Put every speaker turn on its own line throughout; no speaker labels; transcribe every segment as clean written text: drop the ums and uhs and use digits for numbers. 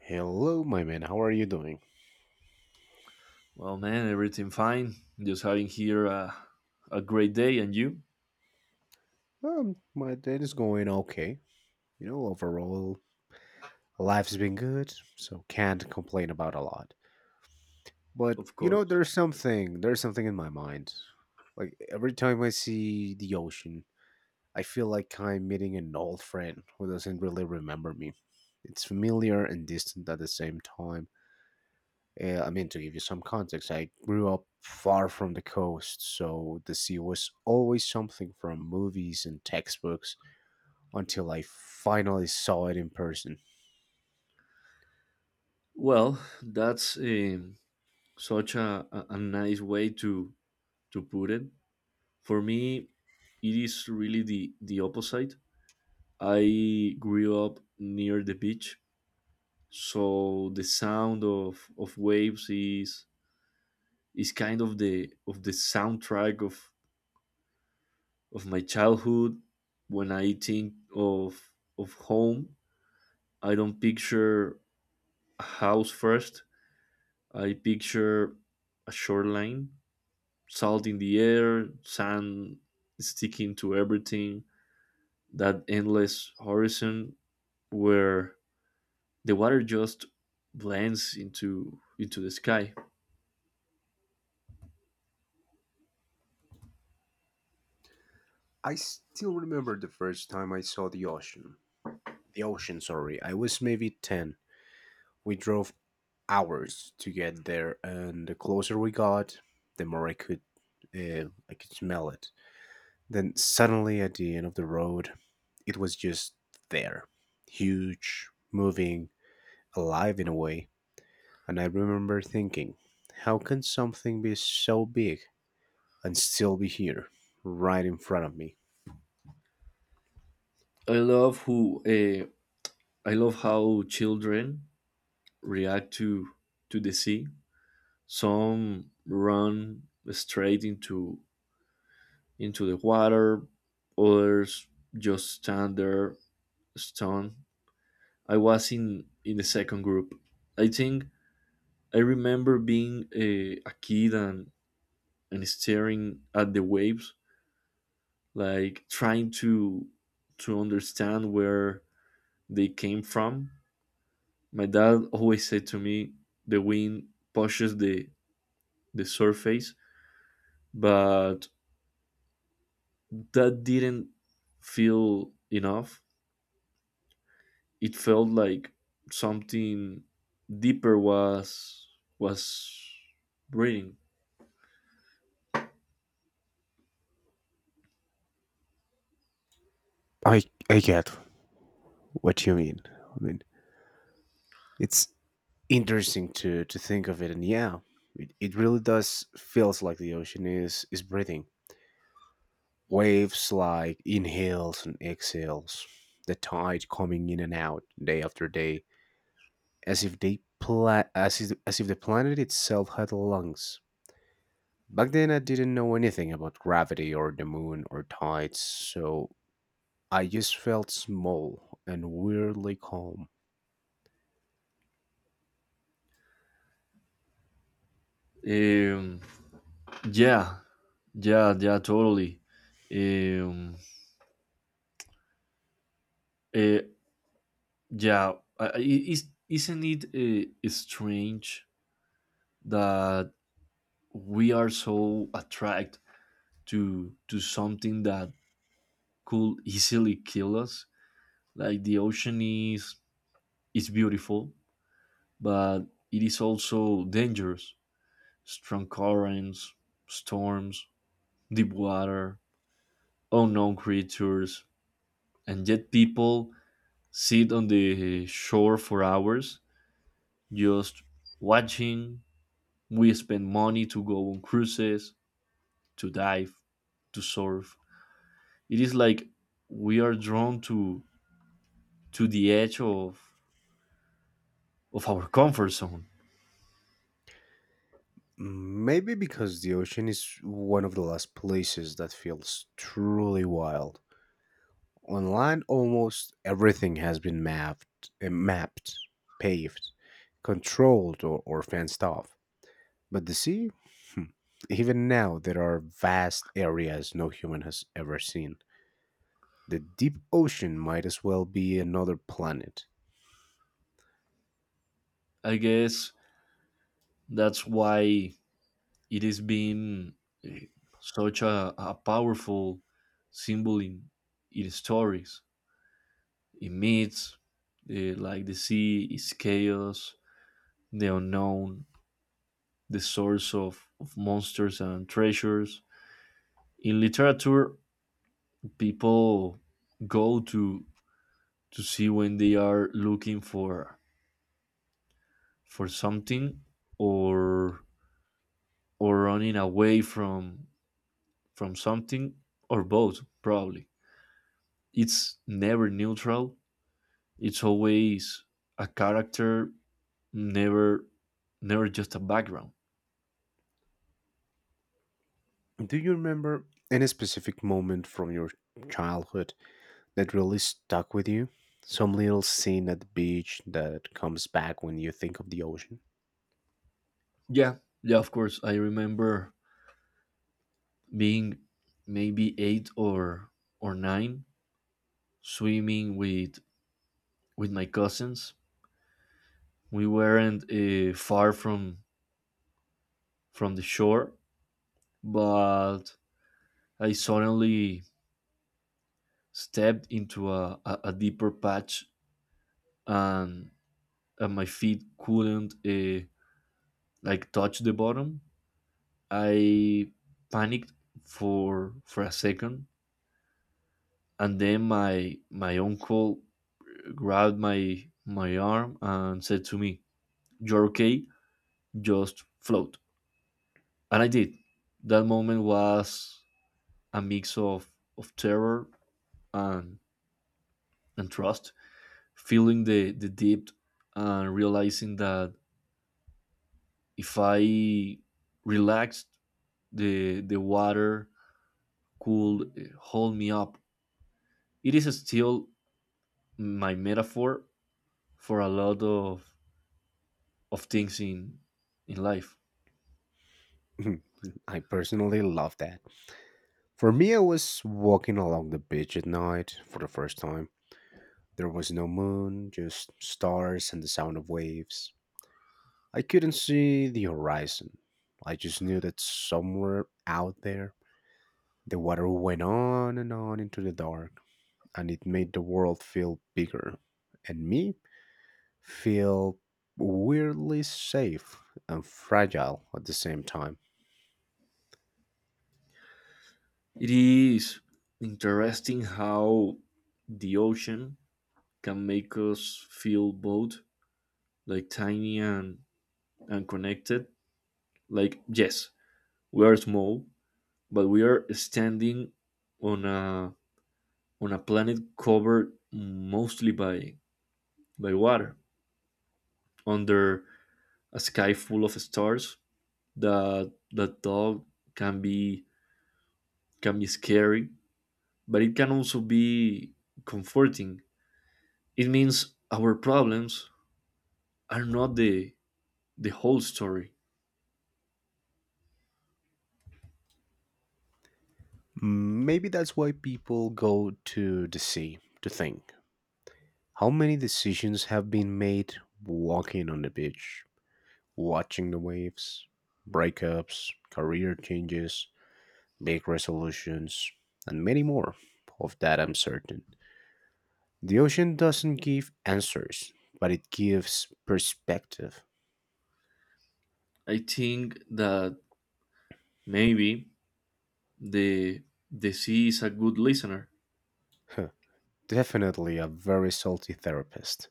Hello, my man. How are you doing?
Well, man, everything fine. Just having here a great day, and you,
My day is going okay. You know, overall, life's been good, so can't complain about a lot. But
of
you know,
course.
there's something. There's something in my mind. Like every time I see the ocean, I feel like I'm meeting an old friend who doesn't really remember me. It's familiar and distant at the same time. I mean, to give you some context, I grew up far from the coast, so the sea was always something from movies and textbooks until I finally saw it in person.
Well, that's such a nice way to put it. For me, it is really the opposite. I grew up near the beach, so the sound of waves is kind of the soundtrack of my childhood. When I think of home, I don't picture house first, I picture a shoreline, salt in the air, sand sticking to everything, that endless horizon where the water just blends into the sky.
I still remember the first time I saw the ocean. The ocean, sorry. I was maybe 10. We drove hours to get there, and the closer we got, the more I could smell it. Then suddenly at the end of the road, it was just there. Huge, moving, alive in a way. And I remember thinking, how can something be so big and still be here, right in front of me?
I love who uh, I love how children react to the sea. Some run straight into the water, others just stand there stunned. I was in the second group. I think I remember being a kid and staring at the waves, like trying to understand where they came from. My dad always said to me, "The wind pushes the surface," but that didn't feel enough. It felt like something deeper was breathing.
I I get what you mean. I mean, it's interesting to think of it, and yeah, it really does feels like the ocean is breathing. Waves like inhales and exhales, the tide coming in and out day after day, as if the planet itself had lungs. Back then, I didn't know anything about gravity or the moon or tides, so I just felt small and weirdly calm.
Um, Yeah, yeah, yeah, totally. Um, uh, yeah, I- is Isn't it strange that we are so attracted to something that could easily kill us? Like the ocean is beautiful, but it is also dangerous. Strong currents, storms, deep water, unknown creatures, and yet people sit on the shore for hours just watching. We spend money to go on cruises, to dive, to surf. It is like we are drawn to the edge of our comfort zone.
Maybe because the ocean is one of the last places that feels truly wild. On land, almost everything has been mapped, paved, controlled, or fenced off. But the sea, Hmm. even now, there are vast areas no human has ever seen. The deep ocean might as well be another planet.
I guess that's why it has been eh, such a powerful symbol in stories, in myths. Like the sea is chaos, the unknown, the source of monsters and treasures. In literature, people go to see when they are looking for something or running away from something, or both probably. It's never neutral, it's always a character, never just a background.
Do you remember any specific moment from your childhood that really stuck with you? Some little scene at the beach that comes back when you think of the ocean?
Yeah, yeah, of course I remember being maybe 8 or 9, swimming with my cousins. We weren't far from the shore, but I suddenly stepped into a deeper patch, and, and my feet couldn't like touch the bottom. I panicked for a second, and then my uncle grabbed my arm and said to me, "You're okay. Just float." And I did. That moment was a mix of terror and, and trust, feeling the depth and realizing that if I relaxed, the water could hold me up. It is still my metaphor for a lot of things in life.
I personally love that. For me, I was walking along the beach at night for the first time. There was no moon, just stars and the sound of waves. I couldn't see the horizon. I just knew that somewhere out there, the water went on and on into the dark, and it made the world feel bigger. And me? Feel weirdly safe and fragile at the same time.
It is interesting how the ocean can make us feel both like tiny and connected. Like yes, we are small, but we are standing on a on a planet covered mostly by water under a sky full of stars that dog can be scary, but it can also be comforting. It means our problems are not the whole story.
Maybe that's why people go to the sea to think. How many decisions have been made walking on the beach, watching the waves, breakups, career changes, big resolutions, and many more? Of that, I'm certain. The ocean doesn't give answers, but it gives perspective.
I think that maybe the sea is a good listener.
Huh, Definitely a very salty therapist.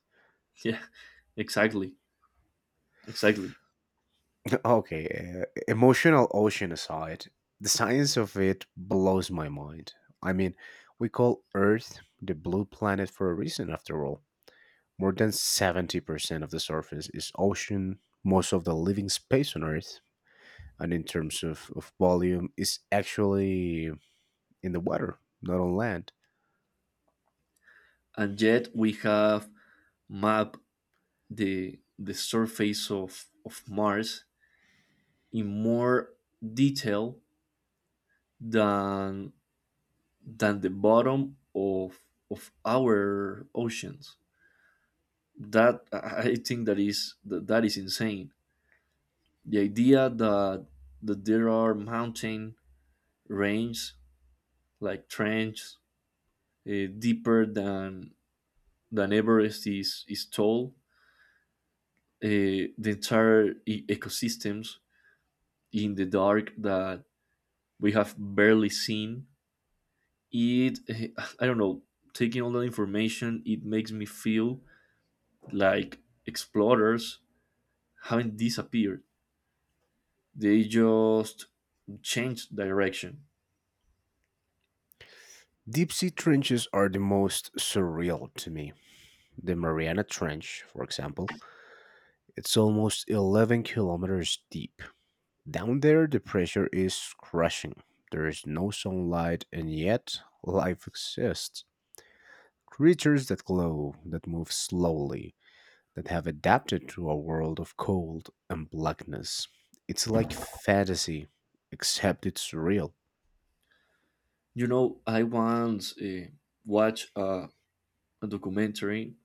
Yeah, exactly, exactly.
Okay, emotional ocean aside, the science of it blows my mind. I mean, we call Earth the blue planet for a reason, after all. More than 70% of the surface is ocean, most of the living space on Earth, and in terms of volume, is actually in the water, not on land.
And yet we have mapped the surface of Mars in more detail than the bottom of our oceans. That I think that is that, That is insane. The idea that there are mountain ranges, like trenches deeper than Everest is tall, the entire ecosystems in the dark that we have barely seen. It, eh, I don't know, taking all that information, it makes me feel like explorers haven't disappeared. They just changed direction.
Deep sea trenches are the most surreal to me. The Mariana Trench, for example, it's almost 11 kilometers deep. Down there, the pressure is crushing. There is no sunlight, and yet life exists. Creatures that glow, that move slowly, that have adapted to a world of cold and blackness. It's like fantasy, except it's real.
You know, I once watched a documentary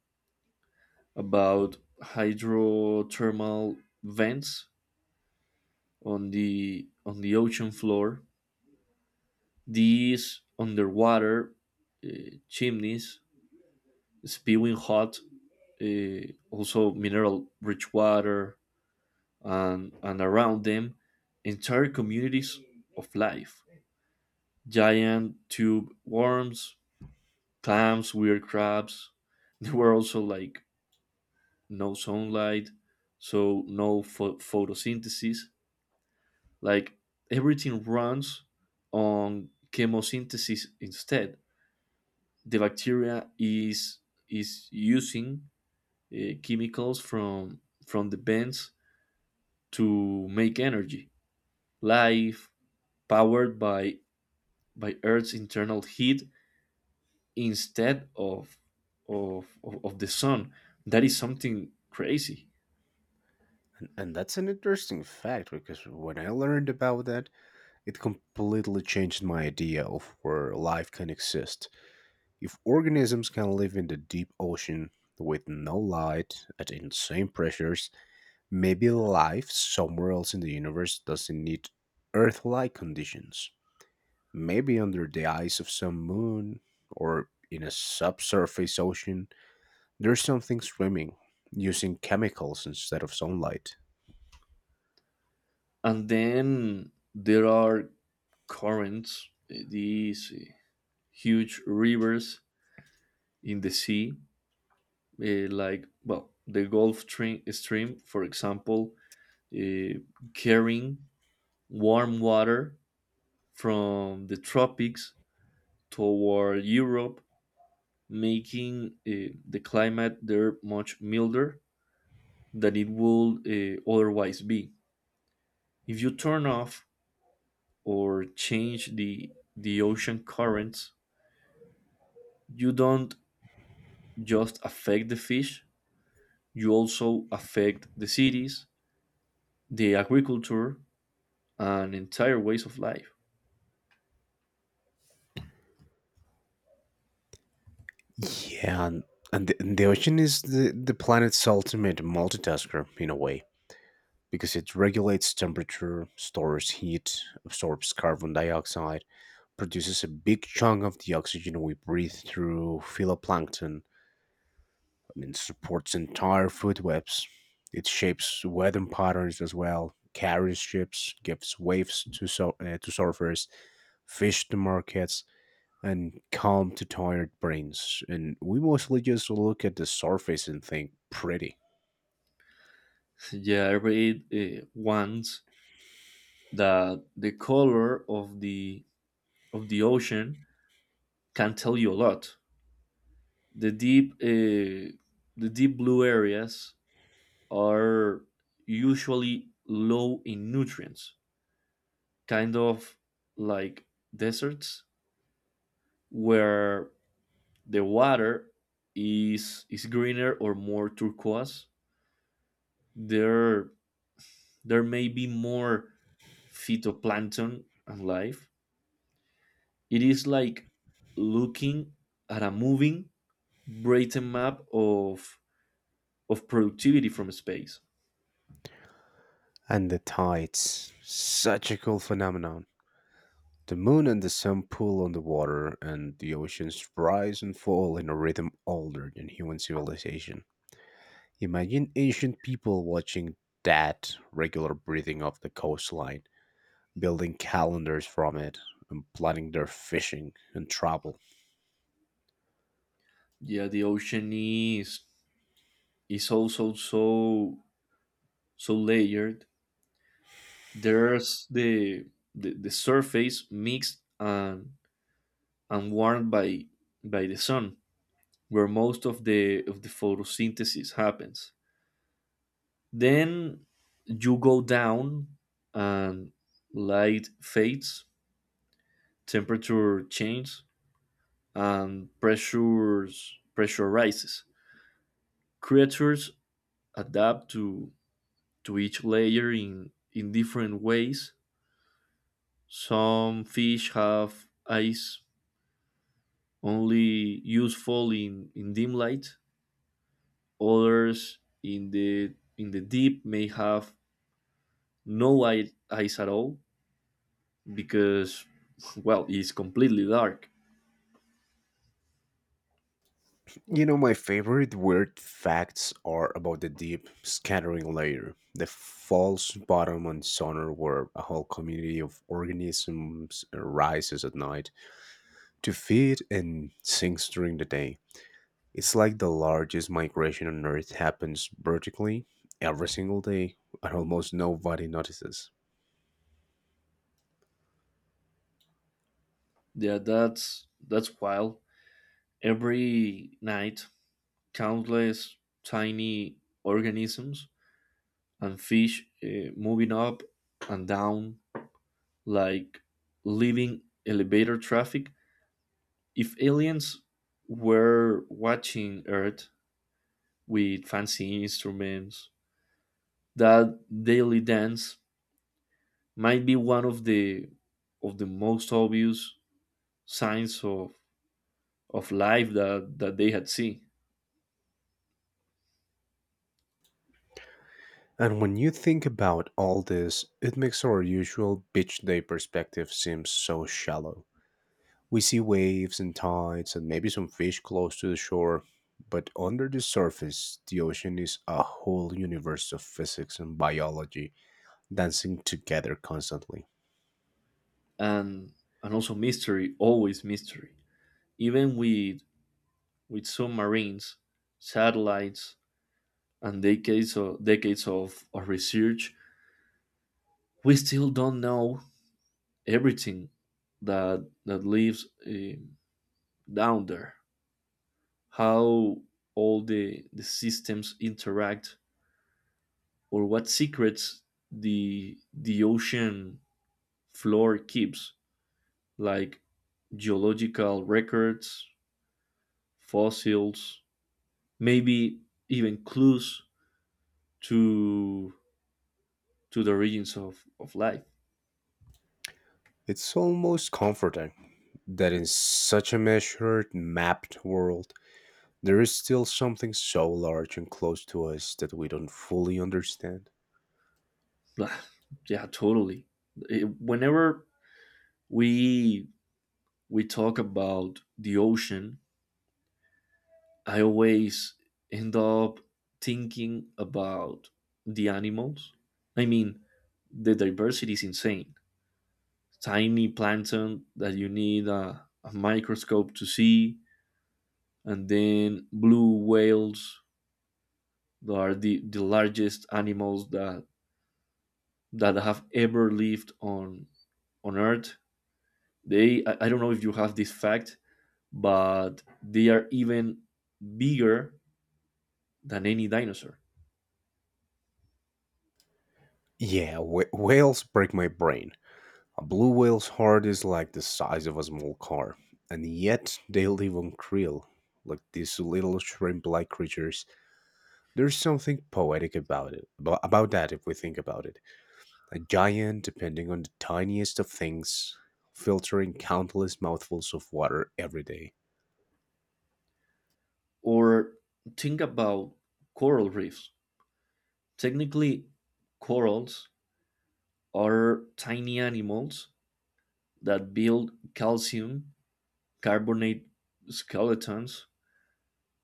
about hydrothermal vents on the ocean floor. These underwater chimneys spewing hot, also mineral rich water, and around them, entire communities of life. Giant tube worms, clams, weird crabs. There were also like no sunlight, so no photosynthesis. Like everything runs on chemosynthesis instead. The bacteria is using chemicals from the vents to make energy. Life powered by earth's internal heat instead of the sun. That is something crazy.
And that's an interesting fact because when I learned about that, it completely changed my idea of where life can exist. If organisms can live in the deep ocean with no light at insane pressures, maybe life somewhere else in the universe doesn't need Earth-like conditions. Maybe under the ice of some moon or in a subsurface ocean, there's something swimming using chemicals instead of sunlight.
And then there are currents, these huge rivers in the sea, like well the Stream, for example, uh, carrying warm water from the tropics toward Europe, making the climate there much milder than it would otherwise be. If you turn off or change the ocean currents, you don't just affect the fish; you also affect the cities, the agriculture, and entire ways of life.
Yeah, and the ocean is the planet's ultimate multitasker in a way, because it regulates temperature, stores heat, absorbs carbon dioxide, produces a big chunk of the oxygen we breathe through phytoplankton, and supports entire food webs. It shapes weather patterns as well, carries ships, gives waves to surfers, fish to markets, and calm to tired brains. And we mostly just look at the surface and think pretty.
Yeah, I read once that the color of the ocean can tell you a lot. The deep uh, the deep blue areas are usually low in nutrients, kind of like deserts where the water is greener or more turquoise. There, may be more phytoplankton and life. It is like looking at a moving, brazen map of productivity from space.
And the tides, such a cool phenomenon. The moon and the sun pull on the water, and the oceans rise and fall in a rhythm older than human civilization. Imagine ancient people watching that regular breathing of the coastline, building calendars from it, and planning their fishing and travel.
Yeah, the ocean is also so layered. There's the surface mixed and warmed by the sun, where most of the photosynthesis happens. Then you go down and light fades, temperature changes, and pressures pressurizes. Creatures adapt to each layer in different ways. Some fish have eyes only useful in dim light. Others in the deep may have no eye, eyes at all because well it's completely dark.
You know, my favorite weird facts are about the deep scattering layer, the false bottom on sonar where a whole community of organisms rises at night to feed and sings during the day. It's like the largest migration on Earth happens vertically every single day, and almost nobody notices.
Yeah, that's wild. Every night, countless tiny organisms and fish moving up and down like living elevator traffic. If aliens were watching Earth with fancy instruments, that daily dance might be one of the most obvious signs of life that they had seen.
And when you think about all this, it makes our usual beach day perspective seem so shallow. We see waves and tides and maybe some fish close to the shore, but under the surface, the ocean is a whole universe of physics and biology dancing together constantly.
And also mystery, always mystery, even with submarines, satellites, and decades of research, we still don't know everything that lives down there. How all the systems interact, or what secrets the ocean floor keeps, like geological records, fossils, maybe even clues to the origins of life.
It's almost comforting that in such a measured, mapped world, there is still something so large and close to us that we don't fully understand.
Yeah, totally. Whenever we we talk about the ocean, I always end up thinking about the animals. I mean, the diversity is insane. Tiny plankton that you need a microscope to see, and then blue whales that are the largest animals that have ever lived on earth. I don't know if you have this fact, but they are even bigger than any dinosaur.
Yeah, whales break my brain. A blue whale's heart is like the size of a small car, and yet they live on krill, like these little shrimp like creatures. There's something poetic about about that if we think about it. A giant depending on the tiniest of things, filtering countless mouthfuls of water every day.
Or think about coral reefs. Technically, corals are tiny animals that build calcium carbonate skeletons,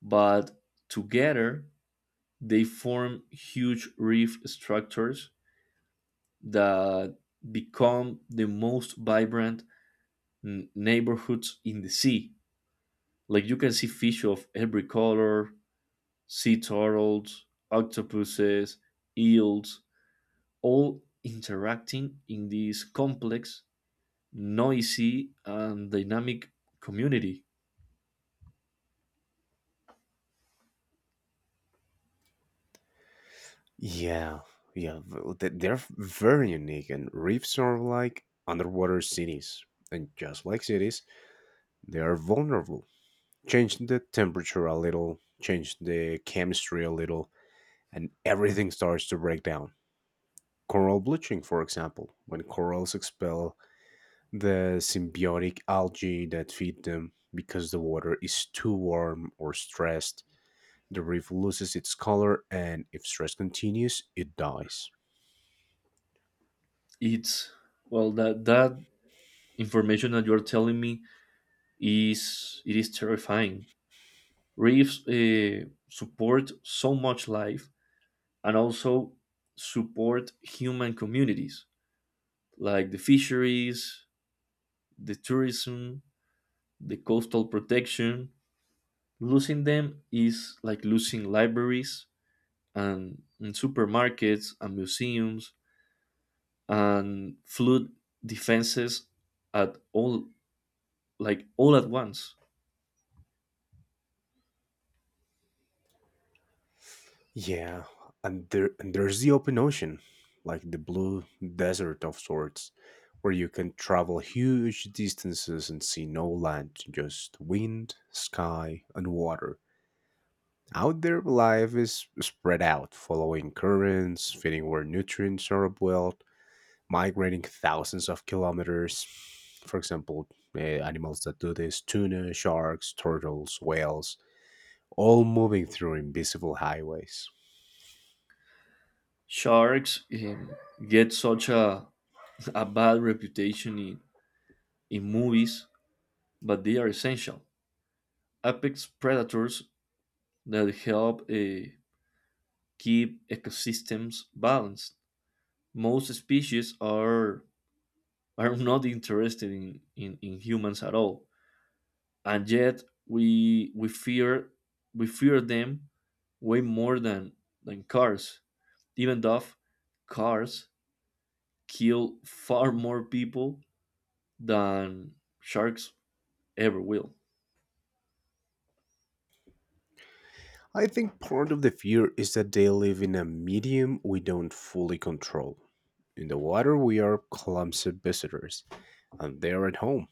but together they form huge reef structures that become the most vibrant neighborhoods in the sea. Like you can see fish of every color, sea turtles, octopuses, eels, all interacting in this complex, noisy, and dynamic community.
Yeah, very unique, and reefs are like underwater cities. And just like cities, they are vulnerable. Change the temperature a little, change the chemistry a little, and everything starts to break down. Coral bleaching, for example, when corals expel the symbiotic algae that feed them, because the water is too warm or stressed, the reef loses its color, and if stress continues, it dies.
It's well that information that you're telling me is it is terrifying. Reefs support so much life and also support human communities like the fisheries, the tourism, the coastal protection. Losing them is like losing libraries and supermarkets and museums and flood defenses at all, like all at once.
Yeah, and there's the open ocean, like the blue desert of sorts, where you can travel huge distances and see no land, just wind, sky, and water. Out there, life is spread out, following currents, feeding where nutrients are well, migrating thousands of kilometers. For example, animals that do this: tuna, sharks, turtles, whales, all moving through invisible highways.
Sharks get such a bad reputation in movies, but they are essential. Apex predators that help keep ecosystems balanced. Most species are not interested in humans at all, and yet we fear them way more than cars, even though cars kill far more people than sharks ever will.
I think part of the fear is that they live in a medium we don't fully control. In the water, we are clumsy visitors, and they are at home.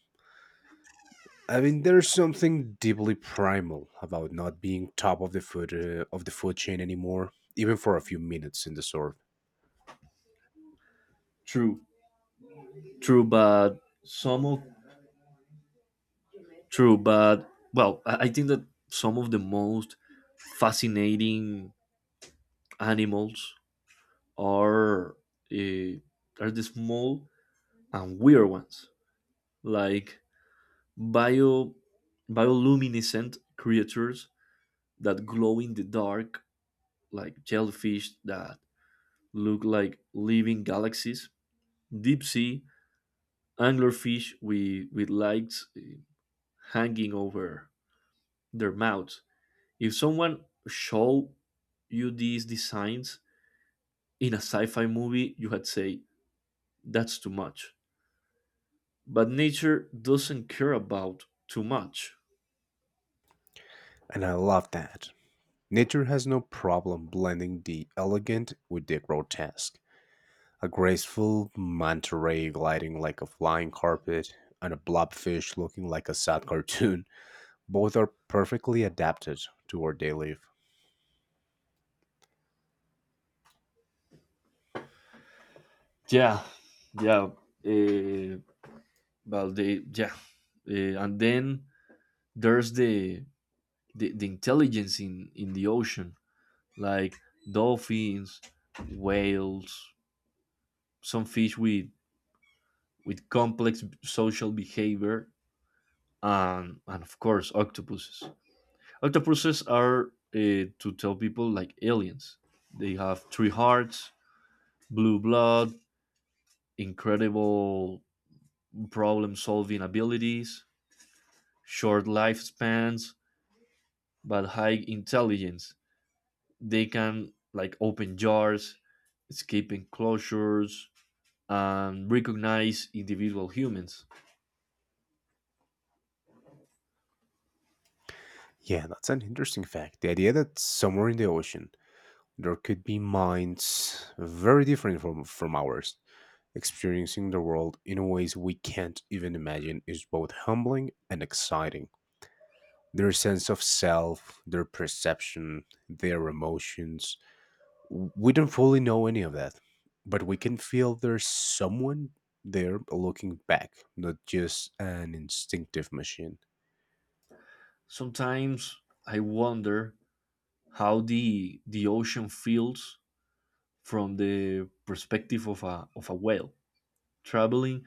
I mean, there's something deeply primal about not being top of the food chain anymore, even for a few minutes in the surf,
True true but some of true but well I think that some of the most fascinating animals are uh, are the small and weird ones, like bio bioluminescent creatures that glow in the dark, like jellyfish that look like living galaxies, deep sea anglerfish with lights hanging over their mouths. If someone show you these designs in a sci-fi movie, you had say that's too much, but nature doesn't care about too much.
and I love that. Nature has no problem blending the elegant with the grotesque. A graceful manta ray gliding like a flying carpet and a blobfish looking like a sad cartoon, both are perfectly adapted to where they live.
yeah yeah eh, Well, they yeah, and then there's the intelligence in the ocean, like dolphins, whales, some fish with complex social behavior, and of course octopuses. Octopuses are to tell people like aliens. They have 3 hearts, blue blood, incredible problem solving abilities, short lifespans, but high intelligence. They can like open jars, escape enclosures, and recognize individual humans.
Yeah, that's an interesting fact. The idea that somewhere in the ocean there could be minds very different from ours, experiencing the world in ways we can't even imagine is both humbling and exciting. Their sense of self, their perception, their emotions. We don't fully know any of that, but we can feel there's someone there looking back, not just an instinctive machine.
Sometimes I wonder how the ocean feels from the perspective of a whale traveling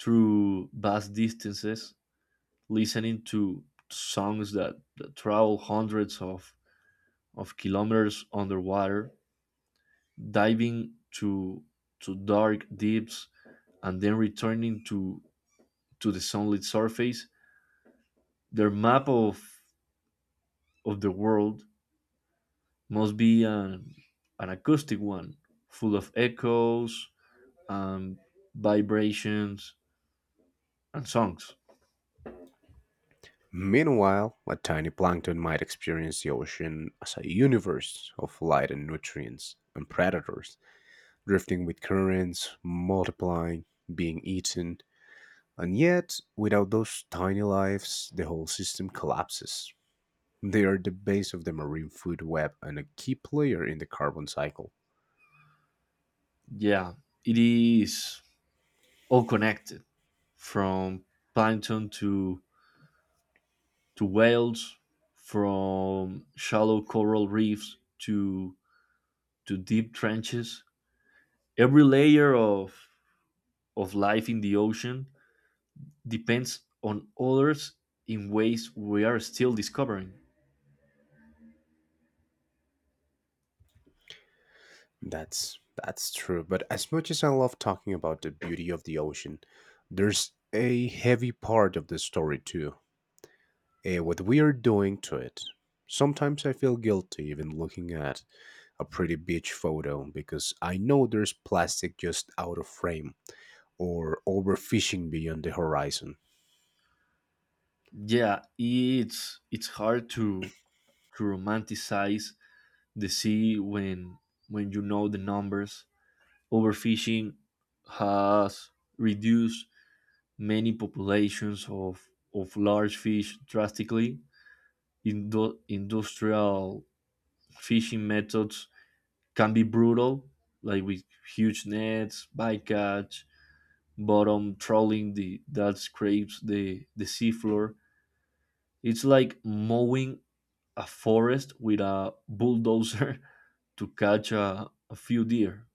through vast distances, listening to songs that, that travel hundreds of kilometers underwater, diving to dark deeps and then returning to the sunlit surface. Their map of the world must be an acoustic one, full of echoes and vibrations and songs.
Meanwhile, a tiny plankton might experience the ocean as a universe of light and nutrients and predators, drifting with currents, multiplying, being eaten, and yet, without those tiny lives, the whole system collapses. They are the base of the marine food web and a key player in the carbon cycle.
Yeah, it is all connected, from plankton to whales, from shallow coral reefs to deep trenches. Every layer of life in the ocean depends on others in ways we are still discovering.
That's that's true, but as much as I love talking about the beauty of the ocean, there's a heavy part of the story too. What we are doing to it. Sometimes I feel guilty even looking at a pretty beach photo because I know there's plastic just out of frame or overfishing beyond the horizon.
Yeah, it's hard to romanticize the sea when you know the numbers. Overfishing has reduced many populations of large fish drastically. Industrial fishing methods can be brutal, like with huge nets, bycatch, but on trawling the that scrapes the seafloor, it's like mowing a forest with a bulldozer to catch a few deer.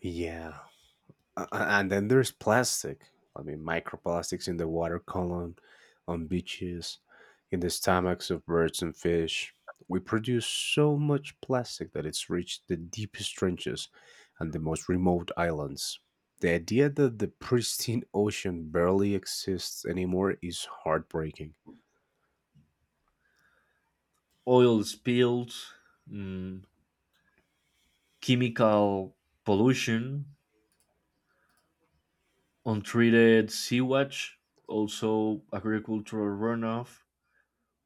Yeah. And then there's plastic. I mean, microplastics in the water column, on beaches, in the stomachs of birds and fish. We produce so much plastic that it's reached the deepest trenches and the most remote islands. The idea that the pristine ocean barely exists anymore is heartbreaking.
Oil spills, mm, chemical pollution, untreated sewage, also agricultural runoff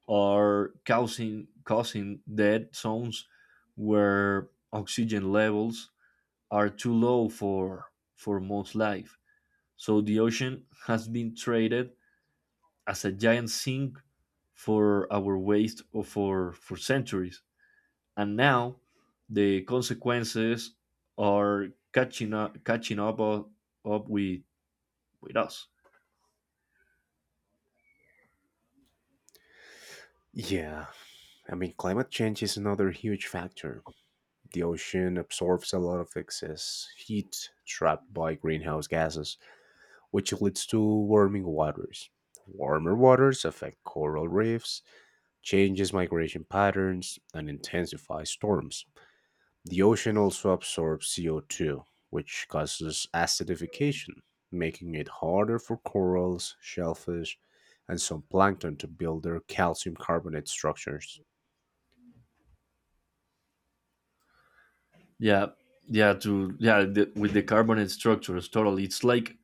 are causing dead zones where oxygen levels are too low for most life. So the ocean has been traded as a giant sink for our waste, or for centuries. And now the consequences are catching up with us.
Yeah, I mean, climate change is another huge factor. The ocean absorbs a lot of excess heat trapped by greenhouse gases which leads to warming waters. Warmer waters affect coral reefs, changes migration patterns, and intensifies storms. The ocean also absorbs CO2, which causes acidification, making it harder for corals, shellfish, and some plankton to build their calcium carbonate structures.
Yeah. Yeah. With the carbon structures, totally. It's like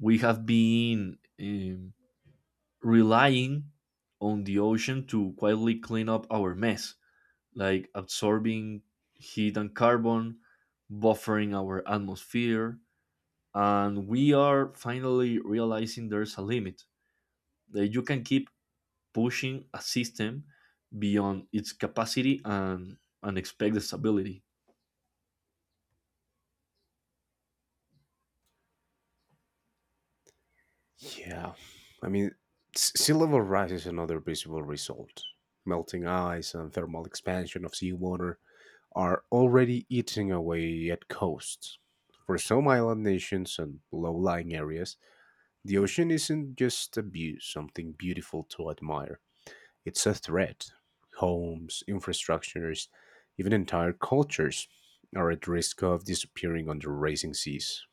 we have been relying on the ocean to quietly clean up our mess, like absorbing heat and carbon, buffering our atmosphere, and we are finally realizing there's a limit. That you can keep pushing a system beyond its capacity and expect the stability.
Yeah, I mean, sea level rise is another visible result. Melting ice and thermal expansion of seawater are already eating away at coasts. For some island nations and low lying areas, the ocean isn't just a view, something beautiful to admire. It's a threat. Homes, infrastructures, even entire cultures are at risk of disappearing under racing seas.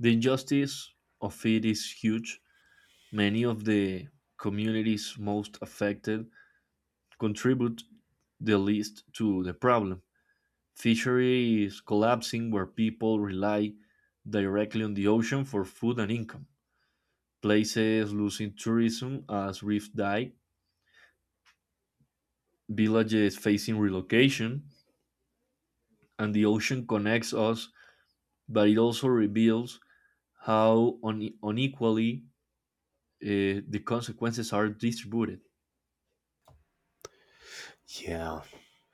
The injustice of it is huge. Many of the communities most affected contribute the least to the problem. Fishery is collapsing where people rely directly on the ocean for food and income. Places losing tourism as reefs die, villages facing relocation, and the ocean connects us, but it also reveals how unequally the consequences are distributed.
Yeah.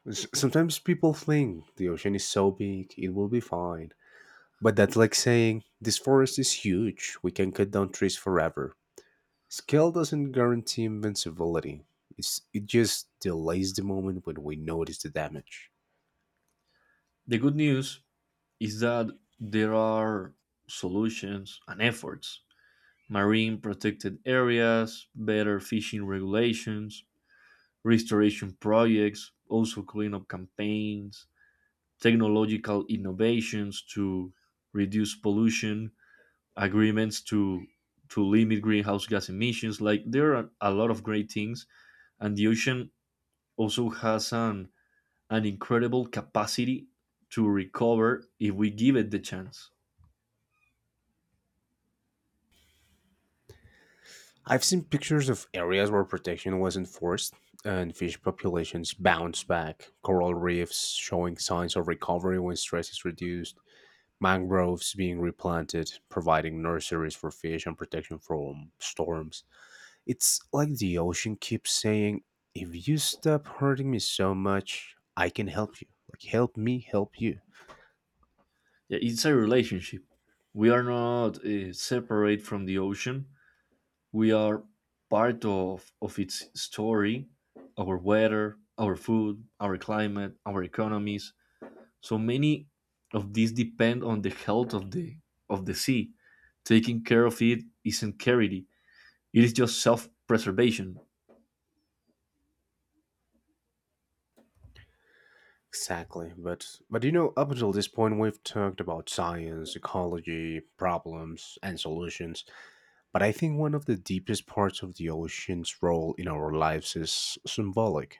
Sometimes people think the ocean is so big, it will be fine. But that's like saying, this forest is huge, we can cut down trees forever. Skill doesn't guarantee invincibility. It just delays the moment when we notice the damage.
The good news is that there are solutions and efforts: marine protected areas, better fishing regulations, restoration projects, also cleanup campaigns, technological innovations to reduce pollution, agreements to limit greenhouse gas emissions. Like, there are a lot of great things, and the ocean also has an incredible capacity to recover if we give it the chance.
I've seen pictures of areas where protection was enforced and fish populations bounce back, coral reefs showing signs of recovery when stress is reduced, mangroves being replanted, providing nurseries for fish and protection from storms. It's like the ocean keeps saying, if you stop hurting me so much, I can help you. Like, help me help you.
Yeah, it's a relationship. We are not separate from the ocean. We are part of its story, our weather, our food, our climate, our economies. So many of these depend on the health of the sea. Taking care of it isn't charity. It is just self-preservation.
Exactly, but up until this point, we've talked about science, ecology, problems, and solutions. But I think one of the deepest parts of the ocean's role in our lives is symbolic.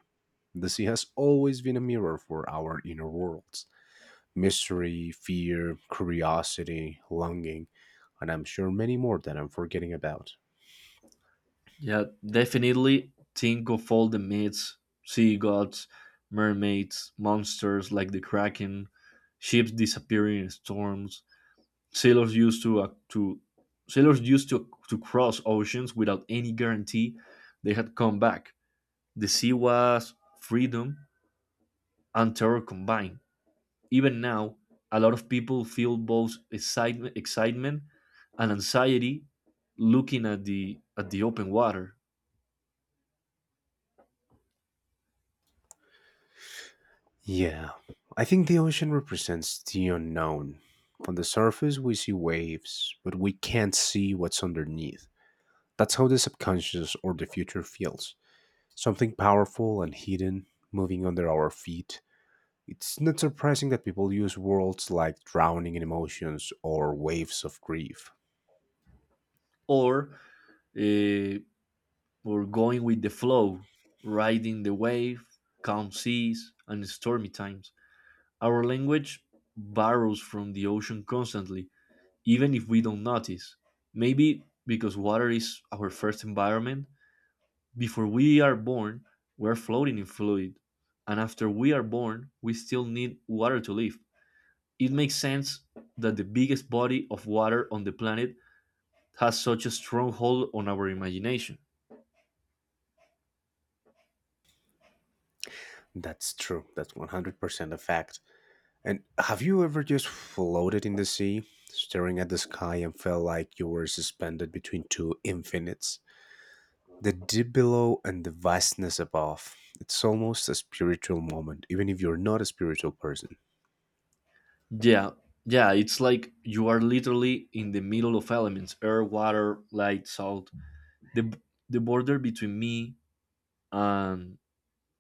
The sea has always been a mirror for our inner worlds: mystery, fear, curiosity, longing, and I'm sure many more that I'm forgetting about.
Yeah, definitely think of all the myths, sea gods, mermaids, monsters like the kraken, ships disappearing in storms. Sailors used to uh, to Sailors used to cross oceans without any guarantee they had come back. The sea was freedom and terror combined. Even now, a lot of people feel both excitement and anxiety looking at the open water.
Yeah, I think the ocean represents the unknown. On the surface, we see waves, but we can't see what's underneath. That's how the subconscious or the future feels something powerful and hidden moving under our feet. It's not surprising that people use words like drowning in emotions or waves of grief.
Or uh, or going with the flow, riding the wave, calm seas, and stormy times. Our language borrows from the ocean constantly, even if we don't notice. Maybe because water is our first environment. Before we are born, we're floating in fluid. And after we are born, we still need water to live. It makes sense that the biggest body of water on the planet has such a strong hold on our imagination.
That's true, that's 100% a fact. And have you ever just floated in the sea, staring at the sky and felt like you were suspended between two infinites? The deep below and the vastness above. It's almost a spiritual moment, even if you're not a spiritual person.
Yeah, yeah, it's like you are literally in the middle of elements: air, water, light, salt. The, the border between me and,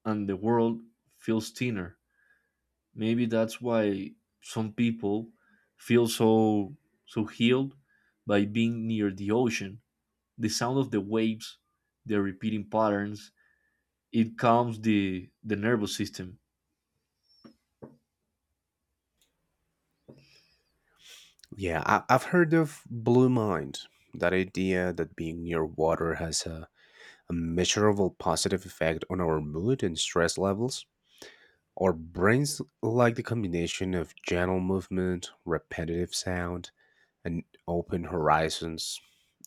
and the world feels thinner. Maybe that's why some people feel so healed by being near the ocean. The sound of the waves, the repeating patterns, it calms the nervous system.
Yeah, I've heard of blue mind, that idea that being near water has a measurable positive effect on our mood and stress levels. Our brains like the combination of gentle movement, repetitive sound, and open horizons.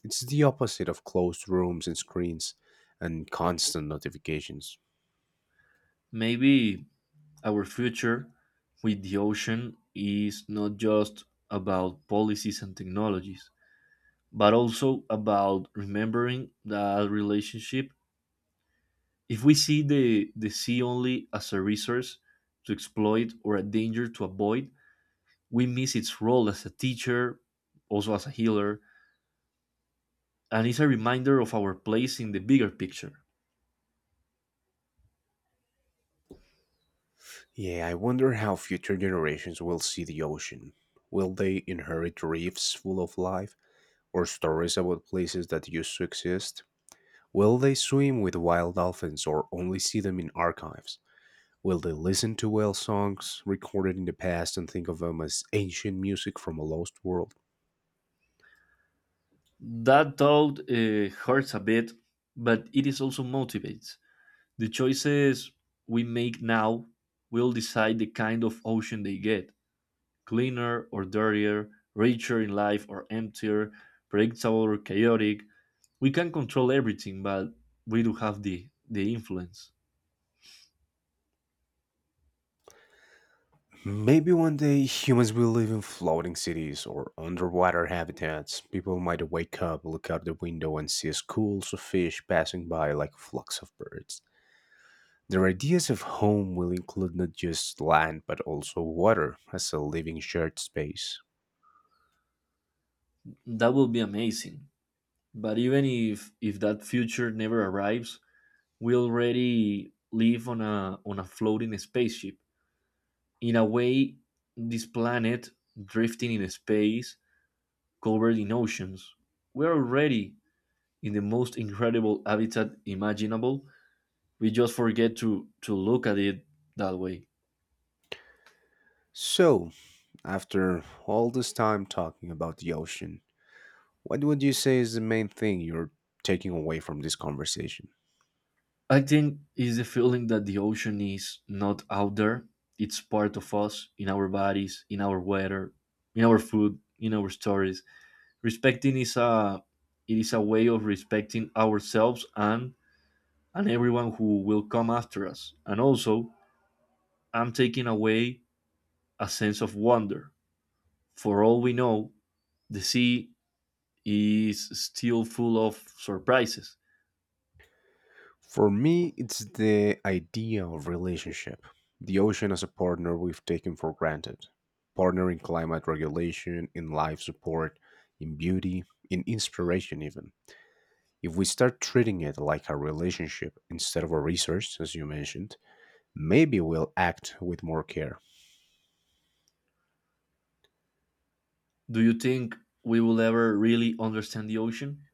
It's the opposite of closed rooms and screens and constant notifications.
Maybe our future with the ocean is not just about policies and technologies, but also about remembering that relationship. If we see the sea only as a resource to exploit or a danger to avoid, we miss its role as a teacher, also as a healer, and it's a reminder of our place in the bigger picture.
Yeah, I wonder how future generations will see the ocean. Will they inherit reefs full of life or stories about places that used to exist? Will they swim with wild dolphins or only see them in archives? Will they listen to whale songs recorded in the past and think of them as ancient music from a lost world?
That thought hurts a bit, but it is also motivates. The choices we make now will decide the kind of ocean they get: cleaner or dirtier, richer in life or emptier, predictable or chaotic. We can control everything, but we do have the influence.
Maybe one day humans will live in floating cities or underwater habitats. People might wake up, look out the window, and see schools of fish passing by like flocks of birds. Their ideas of home will include not just land but also water as a living shared space.
That will be amazing. But even if that future never arrives, we already live on a floating spaceship. In a way, this planet drifting in space, covered in oceans. We're already in the most incredible habitat imaginable. We just forget to look at it that way.
So, after all this time talking about the ocean, what would you say is the main thing you're taking away from this conversation?
I think is the feeling that the ocean is not out there. It's part of us, in our bodies, in our weather, in our food, in our stories. Respecting is a It is a way of respecting ourselves and everyone who will come after us. And also I'm taking away a sense of wonder. For all we know, the sea is still full of surprises.
For me, it's the idea of relationship. The ocean as a partner we've taken for granted. Partner in climate regulation, in life support, in beauty, in inspiration, even. If we start treating it like a relationship instead of a resource, as you mentioned, maybe we'll act with more care.
Do you think we will ever really understand the ocean?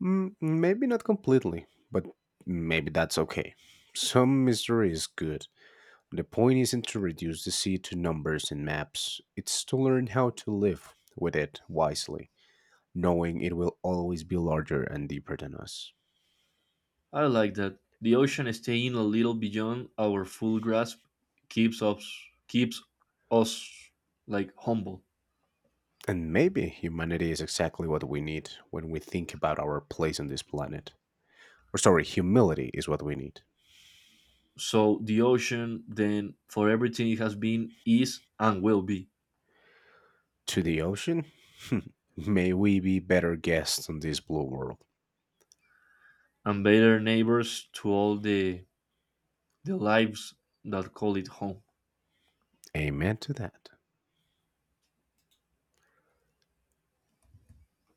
Mm, maybe not completely, but maybe that's okay. Some mystery is good. The point isn't to reduce the sea to numbers and maps, it's to learn how to live with it wisely, knowing it will always be larger and deeper than us.
I like that the ocean staying a little beyond our full grasp keeps us, keeps us like, humble.
And maybe humanity is exactly what we need when we think about our place on this planet. Or, sorry, humility is what we need.
So the ocean, then, for everything it has been, is, and will be,
To the ocean? May we be better guests on this blue world.
and better neighbors to all the lives that call it home.
Amen to that.